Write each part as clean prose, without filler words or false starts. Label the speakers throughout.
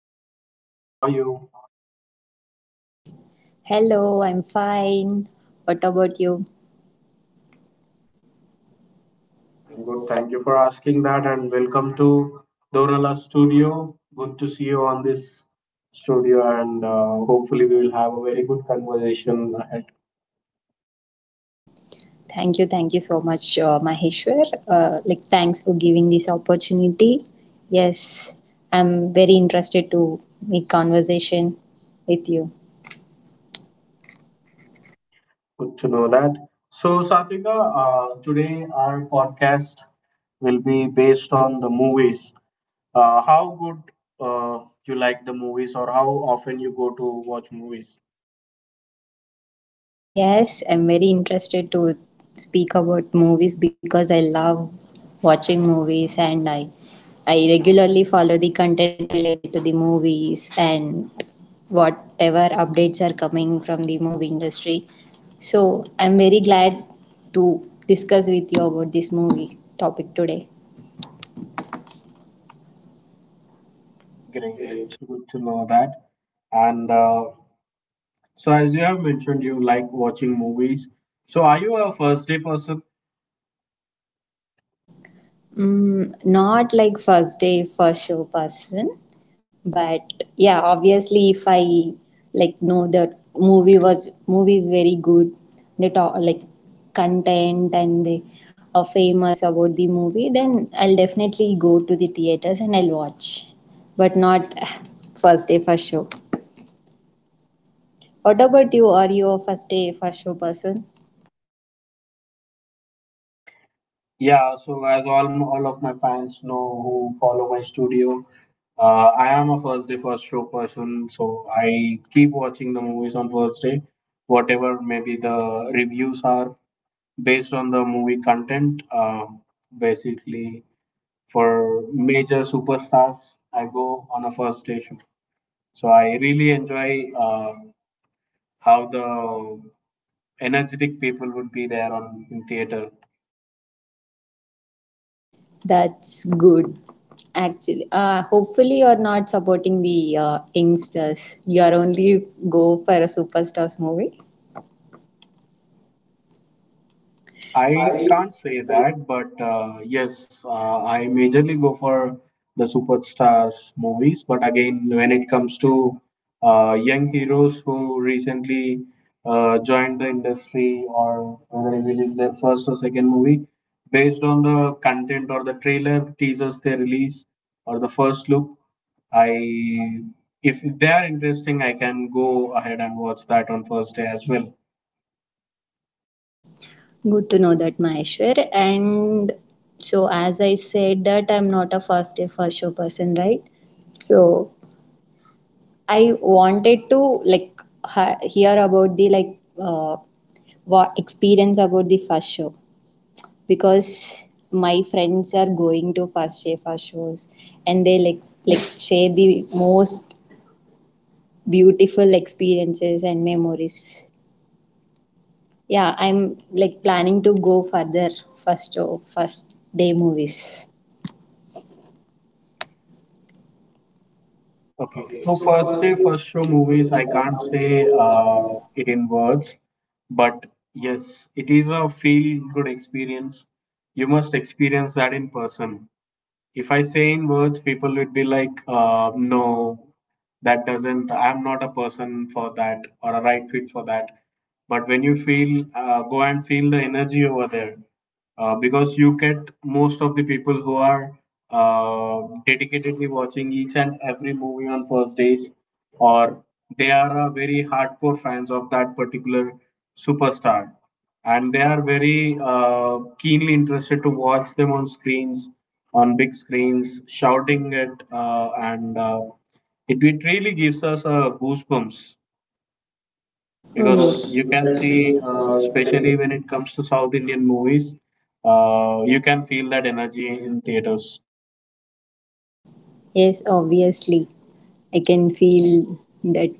Speaker 1: Satvika. How are you?
Speaker 2: Hello, I'm fine. What about you?
Speaker 1: I'm good. Thank you for asking that, and welcome to Donala Studio. Good to see you on this studio, and hopefully we will have a very good conversation ahead.
Speaker 2: Thank you, thank you so much, Maheshwar. Thanks for giving this opportunity. Yes, I'm very interested to make conversation with you.
Speaker 1: Good to know that. So, Satvika, today our podcast will be based on the movies. How good uh, you like the movies, or how often you go to watch movies?
Speaker 2: Yes, I'm very interested to speak about movies because I love watching movies, and I regularly follow the content related to the movies and whatever updates are coming from the movie industry. So I'm very glad to discuss with you about this movie topic today.
Speaker 1: Great. Good to know that. And so as you have mentioned, you like watching movies. So are you a first day person?
Speaker 2: Mm, not like first day, first show person, but yeah, obviously if I know the movie is very good, the content, and they are famous about the movie, then I'll definitely go to the theaters and I'll watch, but not first day first show. What about you? Are you a first day first show person?
Speaker 1: Yeah. So as all of my fans know who follow my studio, I am a first day first show person. So I keep watching the movies on first day, whatever maybe the reviews are based on the movie content. Basically, for major superstars, I go on a first day show. So I really enjoy how the energetic people would be there on in theater.
Speaker 2: That's good. Actually, hopefully you're not supporting the youngsters. You're only go for a superstars movie.
Speaker 1: I can't say that, but yes, I majorly go for the superstars movies. But again, when it comes to young heroes who recently joined the industry, or whether it is their first or second movie, based on the content or the trailer teasers they release or the first look, I if they are interesting, I can go ahead and watch that on first day as well.
Speaker 2: Good to know that, Maheshwar. And so, as I said, that I'm not a first day first show person, right? So I wanted to like hear about the what experience about the first show, because my friends are going to First Shefa shows and they like share the most beautiful experiences and memories. Yeah, I'm like planning to go further first show, first day movies.
Speaker 1: Okay,
Speaker 2: Okay,
Speaker 1: so
Speaker 2: so
Speaker 1: first
Speaker 2: first
Speaker 1: day first show movies,
Speaker 2: movies
Speaker 1: I
Speaker 2: I
Speaker 1: can't
Speaker 2: can't say,
Speaker 1: say
Speaker 2: uh.
Speaker 1: it in words, but yes, it is a feel good experience. You must experience that in person. If I say in words, people would be like, no, that doesn't, I'm not a person for that or a right fit for that. But when you feel, go and feel the energy over there because you get most of the people who are dedicatedly watching each and every movie on first days, or they are very hardcore fans of that particular superstar and they are very keenly interested to watch them on screens on big screens shouting it and it really gives us goosebumps
Speaker 2: Oh,
Speaker 1: because
Speaker 2: because
Speaker 1: you
Speaker 2: you
Speaker 1: can
Speaker 2: can see,
Speaker 1: see
Speaker 2: uh.
Speaker 1: especially when it comes to South Indian movies you can feel that energy in theaters.
Speaker 2: Yes, obviously. I can feel that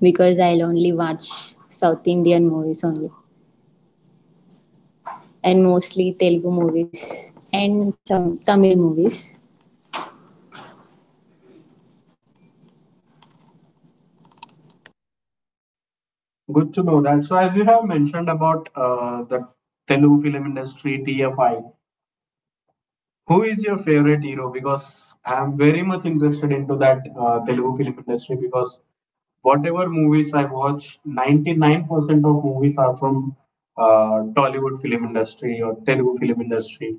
Speaker 2: because I'll only watch South Indian movies only, and mostly Telugu movies and some Tamil movies.
Speaker 1: Good to know that. So as you have mentioned about the Telugu film industry, TFI, who is your favorite hero? Because I'm very much interested into that Telugu film industry because whatever movies I watch, 99% of movies are from Tollywood film industry or Telugu film industry.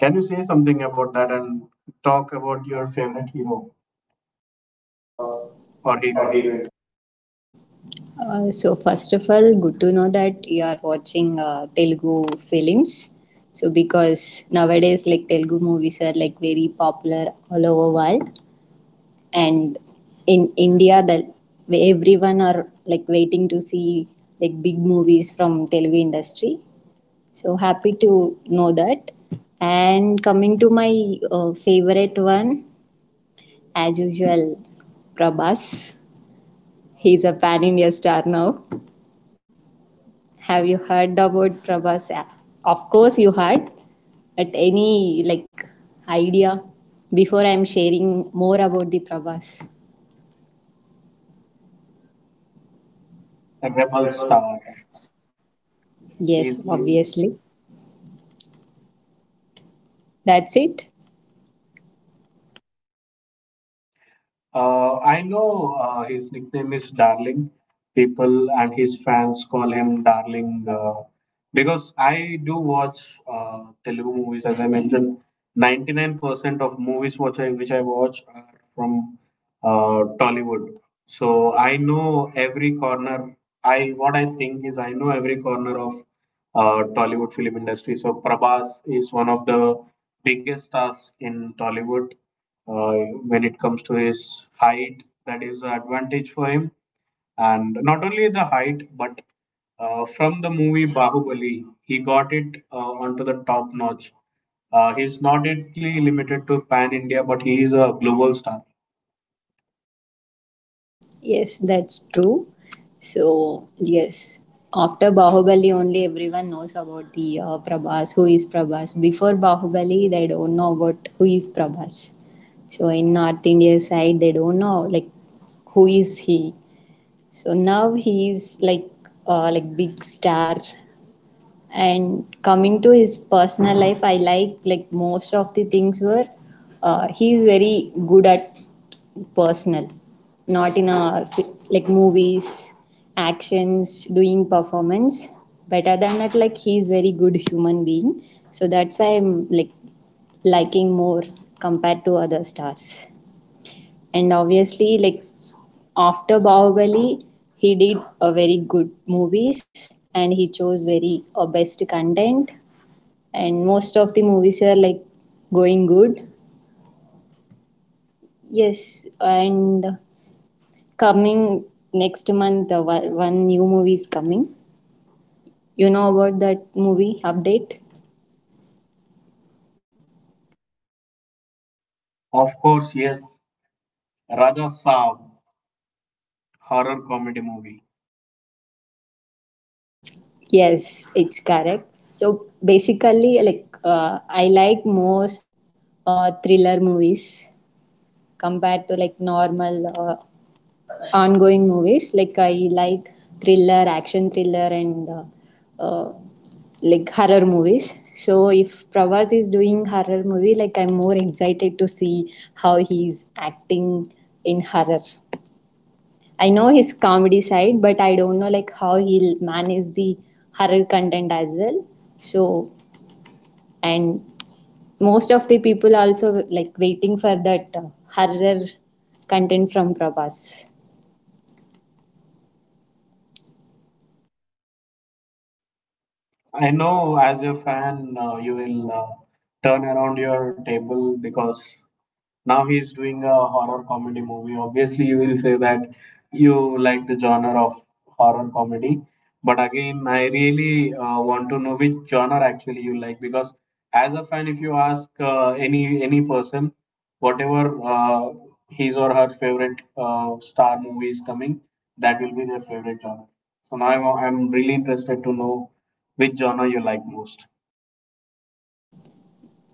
Speaker 1: Can you say something about that and talk about your favorite hero
Speaker 2: Uh,
Speaker 1: or
Speaker 2: or
Speaker 1: heroine?
Speaker 2: even So first of all, good to know that you are watching Telugu films. So because nowadays like Telugu movies are like very popular all over world, and in India, that everyone are like waiting to see like big movies from Telugu industry. So happy to know that. And coming to my favorite one, as usual, Prabhas. He's a pan India star now. Have you heard about Prabhas? Of course, you heard, but any like idea before I'm sharing more about the Prabhas?
Speaker 1: A rebel
Speaker 2: Rebels.
Speaker 1: star.
Speaker 2: Yes,
Speaker 1: He's
Speaker 2: obviously. That's it.
Speaker 1: I know his nickname is Darling. People and his fans call him Darling because I do watch Telugu movies. As I mentioned, 99% of movies which I watch are from Tollywood. So I know every corner. I what I think is I know every corner of Tollywood film industry. So Prabhas is one of the biggest stars in Tollywood. Uh, when it comes to his height, that is an advantage for him. And not only the height, but from the movie Bahubali, he got it onto the top notch. He's not only limited to Pan India, but he is a global star.
Speaker 2: Yes, that's true. So, yes, after Bahubali, only everyone knows about the Prabhas, who is Prabhas. Before Bahubali, they don't know about who is Prabhas. So, in North India side, they don't know like who is he. So now he is like big star. And coming to his personal life, I like most of the things were he is very good at personal, not in a movies, actions, doing performance. Better than that, like he's very good human being. So that's why I'm like liking more compared to other stars. And obviously, like after Bahubali, he did a very good movies, and he chose very best content. And most of the movies are like going good. Yes, and coming next month, uh, one new movie is coming. You know about that movie update?
Speaker 1: Of course, yes, Raja Saab, horror comedy movie.
Speaker 2: Yes, it's correct. So basically, like I like most thriller movies compared to like normal ongoing movies. Like I like thriller, action thriller, and like horror movies. So if Pravas is doing horror movie, like I'm more excited to see how he's acting in horror. I know his comedy side, but I don't know like how he'll manage the horror content as well. So, and most of the people also like waiting for that horror content from Prabhas.
Speaker 1: I know as your fan, you will turn around your table because now he is doing a horror comedy movie. Obviously you will say that you like the genre of horror comedy, but again I really want to know which genre actually you like, because as a fan, if you ask any person whatever uh, his or her favorite star movie is coming, that will be their favorite genre. So now I'm really interested to know which genre you like most.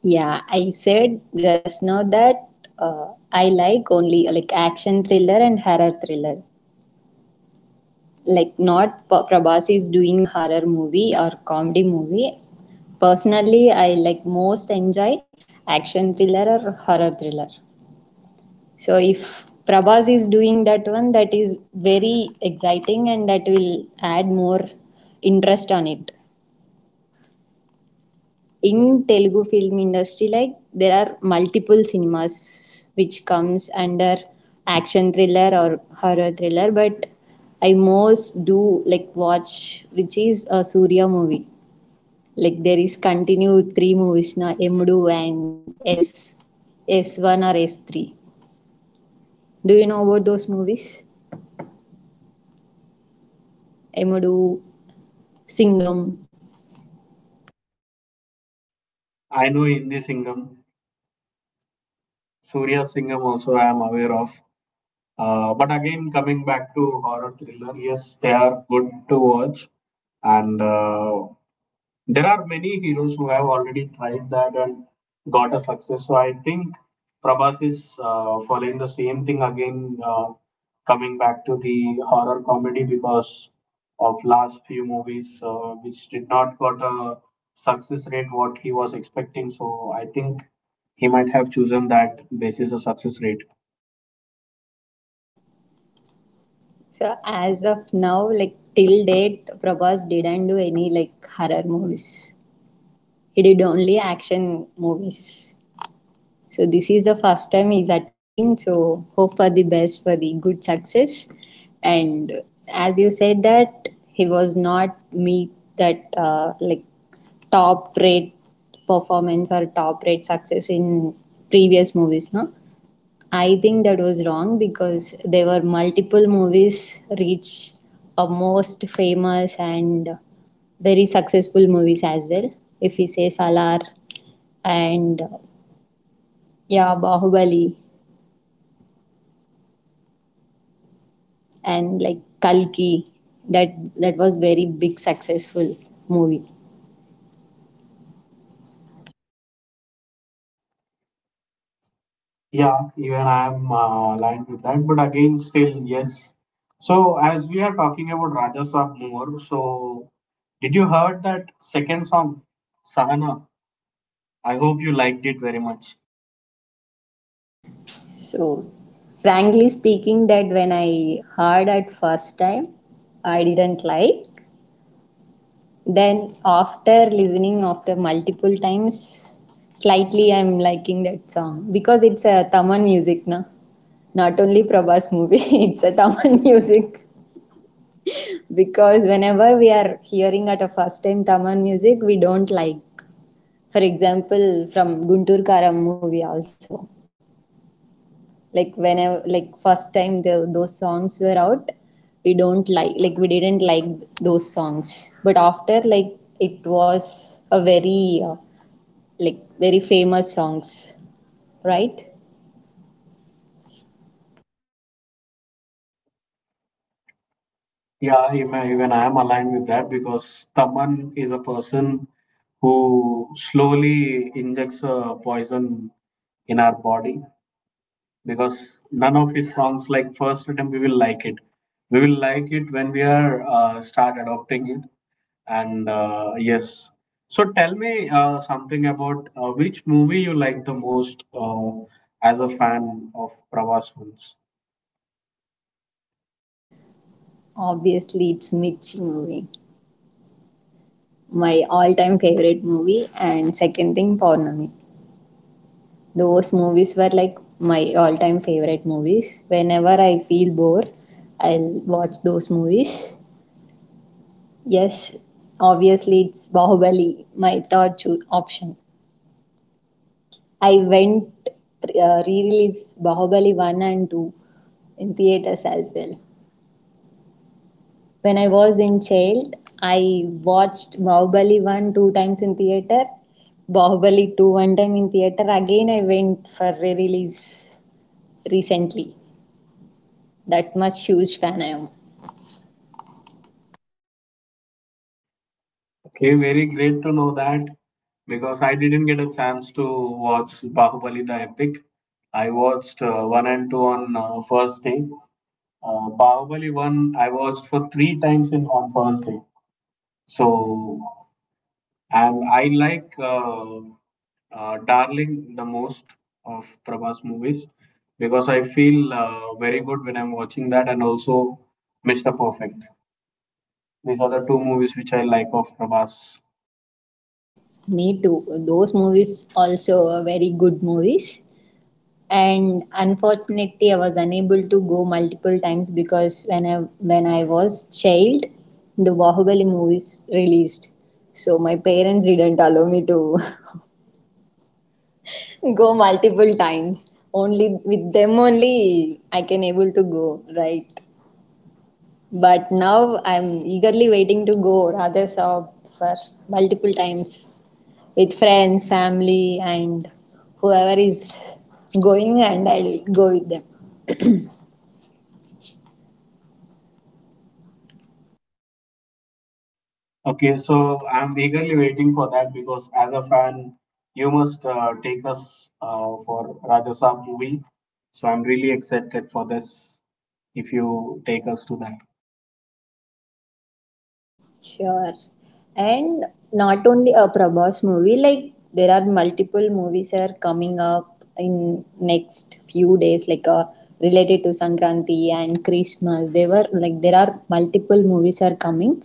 Speaker 2: Yeah, I said just now that uh, I like only like action thriller and horror thriller. Like not Prabhas is doing horror movie or comedy movie. Personally, I like most enjoy action thriller or horror thriller. So if Prabhas is doing that one, that is very exciting and that will add more interest on it. In Telugu film industry, like there are multiple cinemas which comes under action thriller or horror thriller, but I most do like watch which is a Surya movie. Like there is continued three movies now, Emdu and S S1 or S3. Do you know about those movies? Emudu, Singham.
Speaker 1: I know in Singham, Surya Singham also I am aware of. But again, coming back to horror thriller, yes, they are good to watch, and there are many heroes who have already tried that and got a success. So I think Prabhas is following the same thing again, coming back to the horror comedy because of last few movies which did not got a success rate what he was expecting. So I think he might have chosen that basis a success rate.
Speaker 2: So as of now, like till date, Prabhas didn't do any like horror movies. He did only action movies. So this is the first time he's attempting. So hope for the best for the good success. And as you said that he was not meet that top rate performance or top rate success in previous movies, no? I think that was wrong because there were multiple movies reach a most famous and very successful movies as well. If we say Salar and yeah, Bahubali and like Kalki, that was very big successful movie.
Speaker 1: Yeah, even I am aligned with that. But again, still, yes. So as we are talking about Raja Saab more, so did you heard that second song, Sahana? I hope you liked it very much.
Speaker 2: So frankly speaking, that when I heard at first time, I didn't like. Then after listening after multiple times, slightly I'm liking that song because it's a Tamil music, na? Not only Prabhas movie, it's a Tamil music. Because whenever we are hearing at a first time Tamil music, we don't like. For example, from Guntur Karam movie also. Like whenever, like first time those songs were out, we don't like we didn't like those songs, but after like it was a very very famous songs, right?
Speaker 1: Yeah, even I am aligned with that because Taman is a person who slowly injects a poison in our body because none of his songs, like first attempt, we will like it. We will like it when we are start adopting it. And yes, so tell me something about which movie you like the most as a fan of Pravas films.
Speaker 2: Obviously, it's Mirchi movie, my all-time favorite movie, and second thing, Paurnami. Those movies were like my all-time favorite movies. Whenever I feel bored, I'll watch those movies. Yes, obviously, it's Bahubali, my third option. I went re-release Bahubali 1 and 2 in theaters as well. When I was in child, I watched Bahubali 1 two times in theater, Bahubali 2 one time in theater. Again, I went for re release recently. That much huge fan I am.
Speaker 1: Okay, very great to know that because I didn't get a chance to watch Bahubali the Epic. I watched one and two on first day. Bahubali one I watched for three times in on first day. So and I like Darling the most of Prabhas movies because I feel very good when I'm watching that, and also Mr. Perfect. These
Speaker 2: These are
Speaker 1: are the
Speaker 2: the
Speaker 1: two
Speaker 2: two.
Speaker 1: movies which I like of Prabhas.
Speaker 2: Me too. Those movies also were very good movies. And unfortunately, I was unable to go multiple times because when I was child, the Bahubali movies released. So my parents didn't allow me to go multiple times. Only with them only I can able to go, right? But now I'm eagerly waiting to go rather Saab for multiple times with friends, family, and whoever is going, and I'll go with them.
Speaker 1: Okay, so I'm eagerly waiting for that because as a fan, you must take us for Rajasab movie. So I'm really excited for this if you take us to that.
Speaker 2: Sure. And not only a Prabhas movie, like there are multiple movies are coming up in next few days, like related to Sankranti and Christmas. They were like there are multiple movies are coming,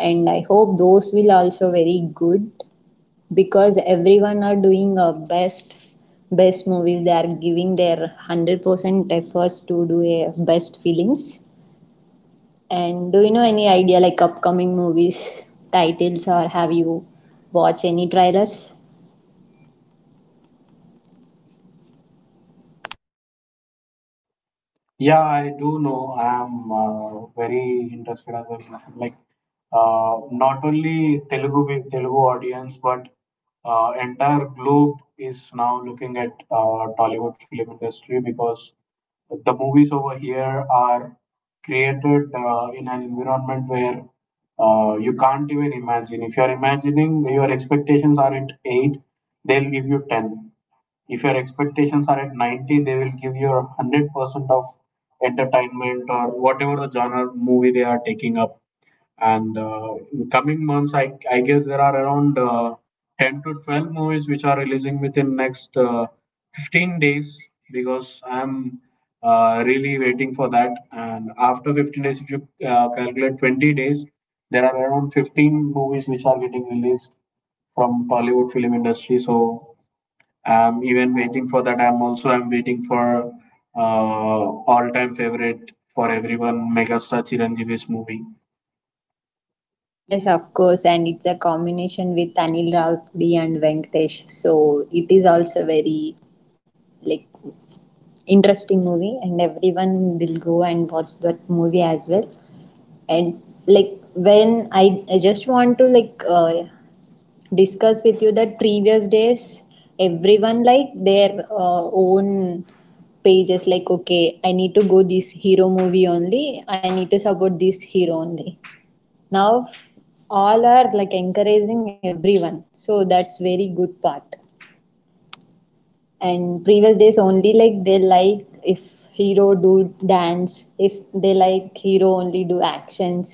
Speaker 2: and I hope those will also very good because everyone are doing a best best movies. They are giving their 100% efforts to do a best films, and do you know any idea like upcoming movies titles, or have you watched any trailers?
Speaker 1: Yeah, I do know. I'm very interested as I like not only Telugu audience, but entire globe is now looking at Tollywood film industry because the movies over here are created in an environment where you can't even imagine. If you're imagining your expectations are at eight, they'll give you ten. If your expectations are at 90, they will give you 100% of entertainment or whatever the genre movie they are taking up. And in coming months I guess there are around 10 to 12 movies which are releasing within next 15 days because I'm really waiting for that. And after 15 days, if you calculate 20 days, there are around 15 movies which are getting released from Tollywood film industry. So I'm even waiting for that. I'm waiting for uh, all-time favorite for everyone, megastar Chiranjeevi's movie.
Speaker 2: Yes, of course, and it's a combination with Anil Rawpudi and Venkatesh. So it is also very like interesting movie, and everyone will go and watch that movie as well. And like when I just want to discuss with you that previous days everyone like their own pages like, okay, I need to go this hero movie only, I need to support this hero only. Now all are like encouraging everyone, so that's very good part. And previous days only, like they like if hero do dance, if they like hero only do actions,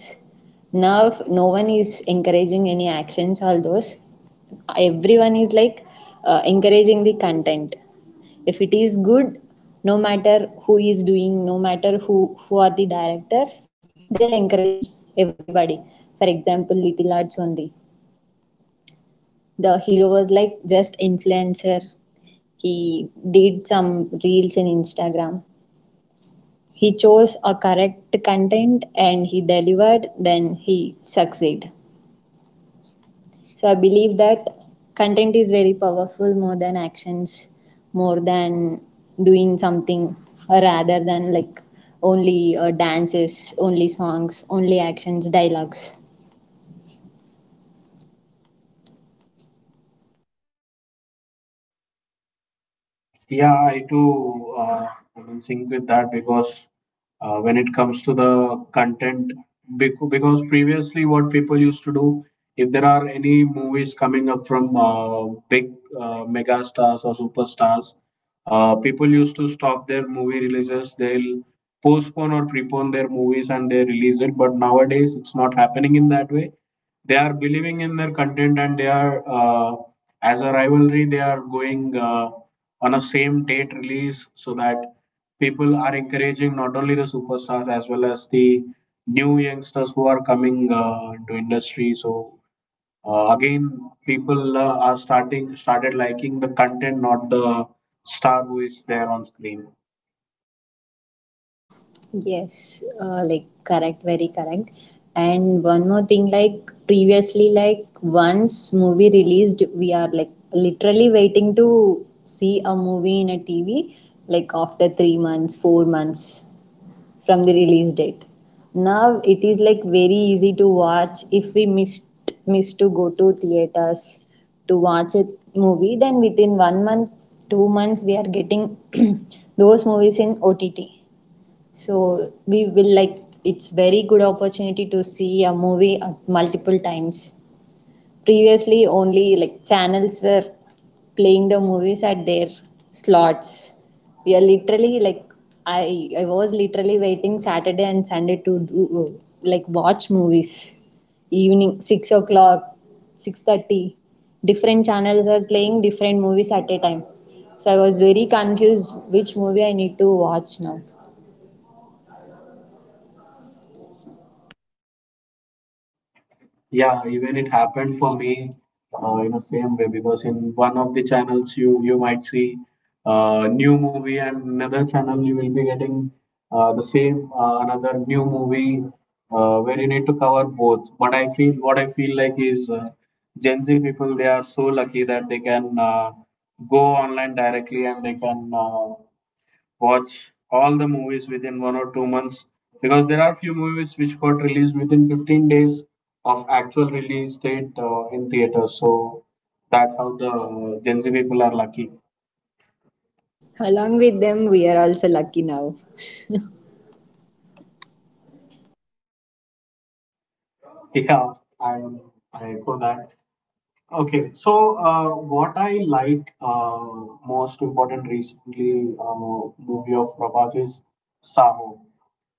Speaker 2: now no one is encouraging any actions. All those, everyone is like encouraging the content if it is good. No matter who is doing, no matter who are the director, they'll encourage everybody. For example, little arts only, the hero was like just influencer. He did some reels in Instagram. He chose a correct content and he delivered, then he succeed. So I believe that content is very powerful, more than actions, more than doing something, or rather than like only dances, only songs, only actions, dialogues.
Speaker 1: Yeah, I too am in sync with that because when it comes to the content, because previously what people used to do, if there are any movies coming up from big mega stars or superstars, people used to stop their movie releases. They'll postpone or prepone their movies and they release it. But nowadays, it's not happening in that way. They are believing in their content and they are, as a rivalry, they are going on a same date release, so that people are encouraging not only the superstars as well as the new youngsters who are coming into industry. So again, people are starting started liking the content, not the star who is there on screen.
Speaker 2: Yes, correct, very correct. And one more thing, like previously, like once movie released, we are like literally waiting to see a movie in a TV, like after 3 months, 4 months, from the release date. Now it is like very easy to watch if we miss to go to theaters to watch a movie, then within 1 month, 2 months, we are getting those movies in ott. So we will like it's very good opportunity to see a movie at multiple times. Previously, only like channels were playing the movies at their slots. We are literally like I was literally waiting Saturday and Sunday to do like watch movies. Evening 6 o'clock, 6:30. Different channels are playing different movies at a time. So I was very confused which movie I need to watch now.
Speaker 1: Yeah, even it happened for me in the same way because in one of the channels you might see new movie and another channel you will be getting the same another new movie where you need to cover both. But I feel what I feel like is Gen Z people they are so lucky that they can go online directly and they can watch all the movies within one or two months because there are few movies which got released within 15 days of actual release date in theater. So that how the Gen Z people are lucky.
Speaker 2: Along with them, we are also lucky now.
Speaker 1: Yeah, I I echo that. Okay, so what I like most important recently movie of Prabhas is Saho.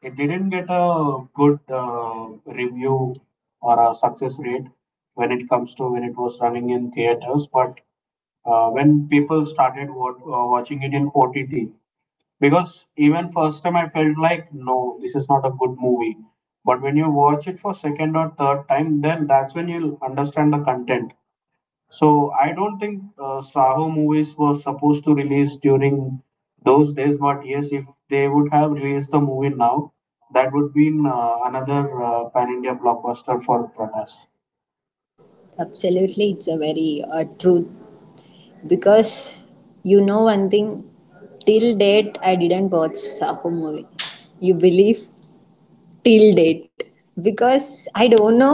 Speaker 1: It didn't get a good review or a success rate when it comes to when it was running in theaters, but when people started watching it in OTT. Because even first time I felt like, no, this is not a good movie. But when you watch it for second or third time, then that's when you'll understand the content. So I don't think Saho movies was supposed to release during those days, but yes, if they would have released the movie now, that would be another pan India blockbuster for Prakash.
Speaker 2: Absolutely, it's a very truth because you know one thing, till date I didn't watch Saho movie. You believe? Till date. Because I don't know,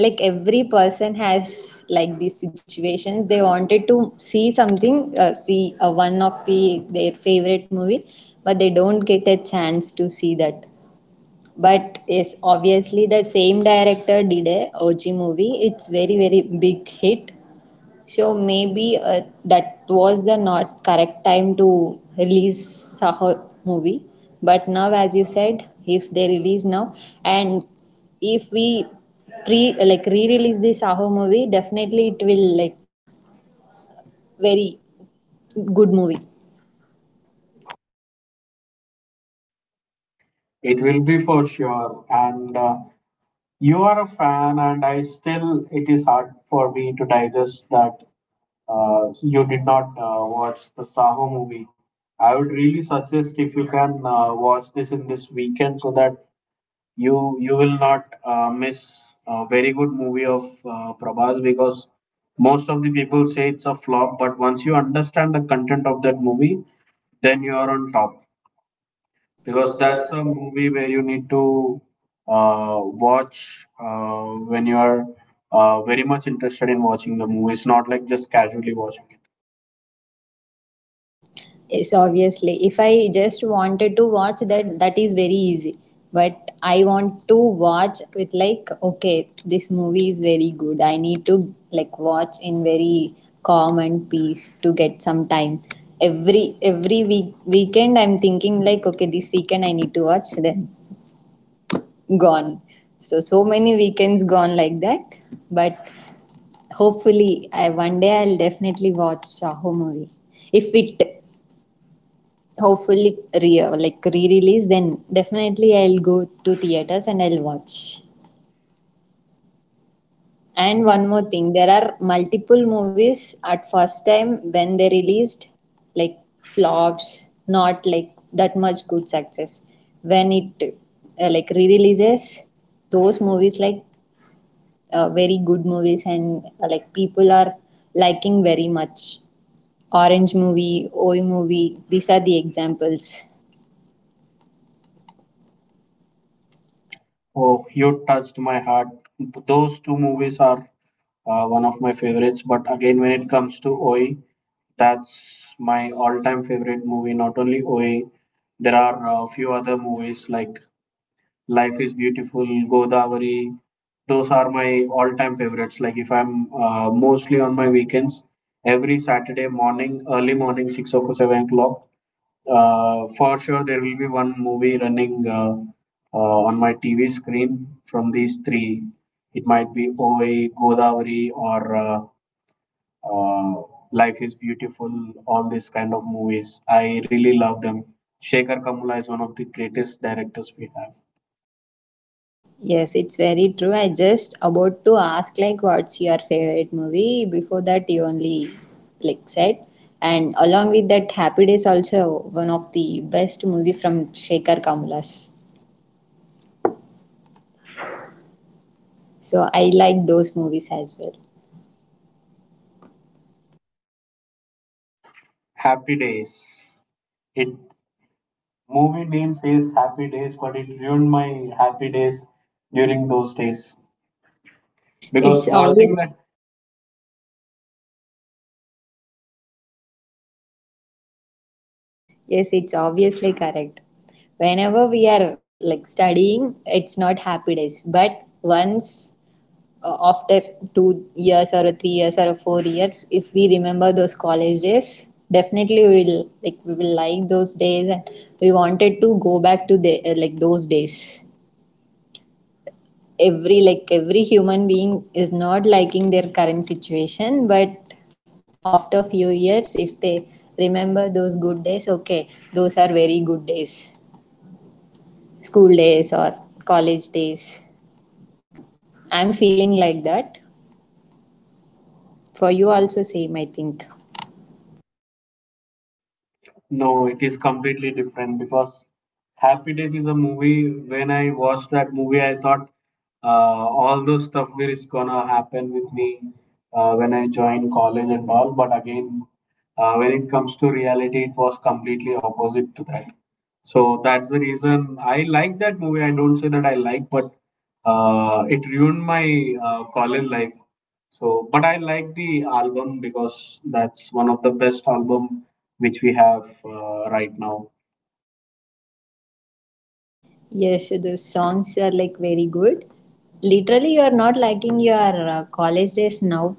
Speaker 2: like every person has like these situations. They wanted to see something, see one of the their favorite movie, but they don't get a chance to see that. But yes, obviously the same director did a OG movie, it's very very big hit. So maybe that was the not correct time to release Saho movie. But now, as you said, if they release now, and if we pre like re-release the Saho movie, definitely it will like very good movie.
Speaker 1: It will be for sure. And you are a fan, and I still it is hard for me to digest that you did not watch the Saho movie. I would really suggest if you can watch this in this weekend so that you will not miss a very good movie of Prabhas, because most of the people say it's a flop, but once you understand the content of that movie, then you are on top because that's a movie where you need to watch when you are very much interested in watching the movie. It's not like just casually watching it.
Speaker 2: Yes, obviously. If I just wanted to watch that, that is very easy. But I want to watch with like, okay, this movie is very good. I need to like watch in very calm and peace, to get some time. Every week weekend, I'm thinking like, okay, this weekend I need to watch. Then gone. So many weekends gone like that. But hopefully, I one day I'll definitely watch Saho movie if it hopefully re like re-release, then definitely I'll go to theaters and I'll watch. And one more thing, there are multiple movies at first time when they released like flops, not like that much good success. When it, like re-releases, those movies like very good movies, and like people are liking very much. Orange movie, Oi movie, these are the examples.
Speaker 1: Oh, you touched my heart. Those two movies are one of my favorites. But again, when it comes to OI, that's my all-time favorite movie. Not only OA, there are a few other movies like Life is Beautiful, Godavari. Those are my all-time favorites. Like if I'm mostly on my weekends, every Saturday morning, early morning, 6 or 7 o'clock, for sure there will be one movie running on my TV screen from these three. It might be OA, Godavari, or uh, Life is Beautiful, all these kind of movies. I really love them. Shekhar Kamula is one of the greatest directors we have.
Speaker 2: Yes, it's very true. I just about to ask like what's your favorite movie. Before that you only like said. And along with that, Happy Days also one of the best movie from Shekhar Kamulas. So I like those movies as well.
Speaker 1: Happy Days. It Movie name says Happy Days, but it ruined my happy days during those days because
Speaker 2: It's obvious.
Speaker 1: watching the
Speaker 2: Yes, it's obviously correct. Whenever we are like studying, it's not Happy Days. But once after 2 years or 3 years or 4 years, if we remember those college days, definitely we will like, those days, and we wanted to go back to the, those days. Every like every human being is not liking their current situation, but after few years if they remember those good days, okay, those are very good days. School days or college days, I'm feeling like that. For you also same, I think.
Speaker 1: No, it is completely different because Happy Days is a movie. When I watched that movie, I thought uh, all those stuff will is gonna happen with me when I joined college and all. But again, when it comes to reality, it was completely opposite to that. So that's the reason I like that movie. I don't say that I like, but it ruined my college life. So, but I like the album because that's one of the best album which we have right now.
Speaker 2: Yes, the songs are like very good. Literally, you are not lacking your college days now.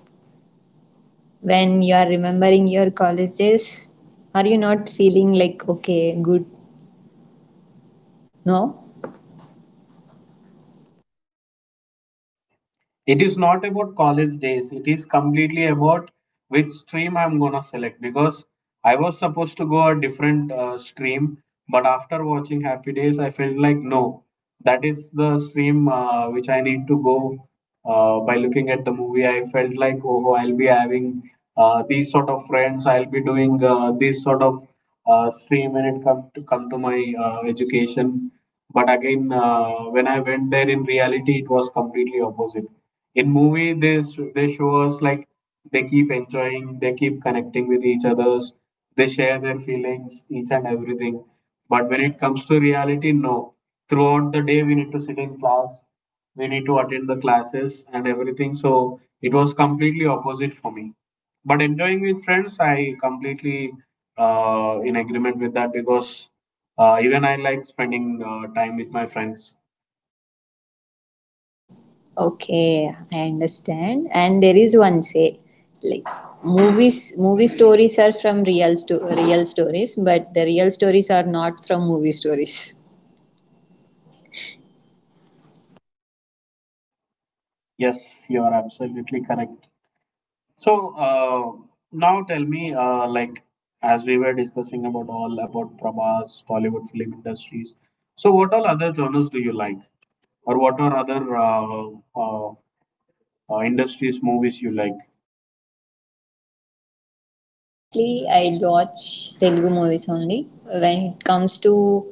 Speaker 2: When you are remembering your college days, are you not feeling like, okay, good? No?
Speaker 1: It is not about college days, it is completely about which stream I'm going to select because I was supposed to go a different stream, but after watching Happy Days I felt like no, that is the stream which I need to go. By looking at the movie I felt like, oh, I'll be having these sort of friends, I'll be doing this sort of stream when it come to my education. But again, when I went there in reality, it was completely opposite. In movie, they show us like they keep enjoying, they keep connecting with each others, they share their feelings, each and everything. But when it comes to reality, no. Throughout the day, we need to sit in class, we need to attend the classes and everything. So it was completely opposite for me, but enjoying with friends I completely in agreement with that because even I like spending time with my friends.
Speaker 2: Okay, I understand. And there is one say, like, movies, movie stories are from real, real stories, but the real stories are not from movie stories.
Speaker 1: Yes, you are absolutely correct. So uh, now tell me, like, as we were discussing about all about Prabhas Tollywood film industries, so what all other genres do you like, or what are other uh, uh, industries movies you like?
Speaker 2: Mostly, I watch Telugu movies only. When it comes to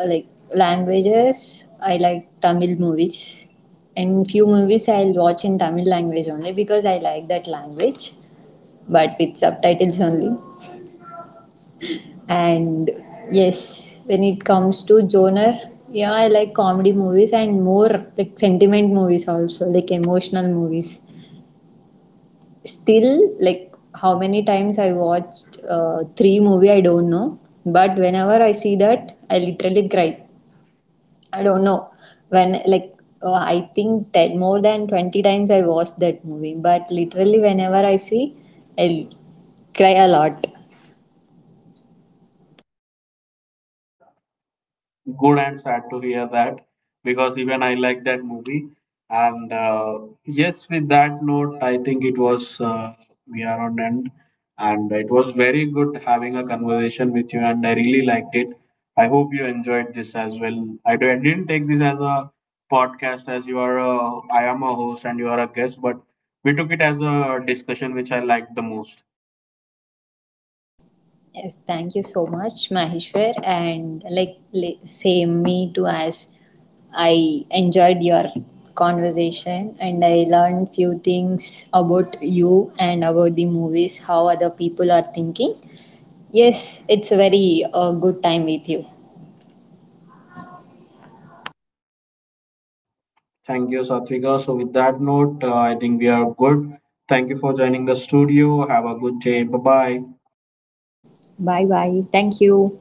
Speaker 2: uh, like languages, I like Tamil movies, and few movies I'll watch in Tamil language only because I like that language, but with subtitles only. And yes, when it comes to genre, yeah, I like comedy movies, and more like sentiment movies also, like emotional movies. Still, like, how many times I watched three movie I don't know, but whenever I see that, I literally cry. I don't know when, I think that more than 20 times I watched that movie, but literally whenever I see, I cry a lot.
Speaker 1: Good, and sad to hear that, because even I like that movie. And yes, with that note, I think it was we are on end, and it was very good having a conversation with you, and I really liked it. I hope you enjoyed this as well. I didn't take this as a podcast as you are a, I am a host and you are a guest, but we took it as a discussion which I liked the most.
Speaker 2: Yes, thank you so much, Maheshwar, and like same me too. As I enjoyed your conversation and I learned few things about you and about the movies, how other people are thinking. Yes, it's a very good time with you.
Speaker 1: Thank you, Satvika. So, with that note, I think we are good. Thank you for joining the studio. Have a good day. Bye bye.
Speaker 2: Bye bye. Thank you.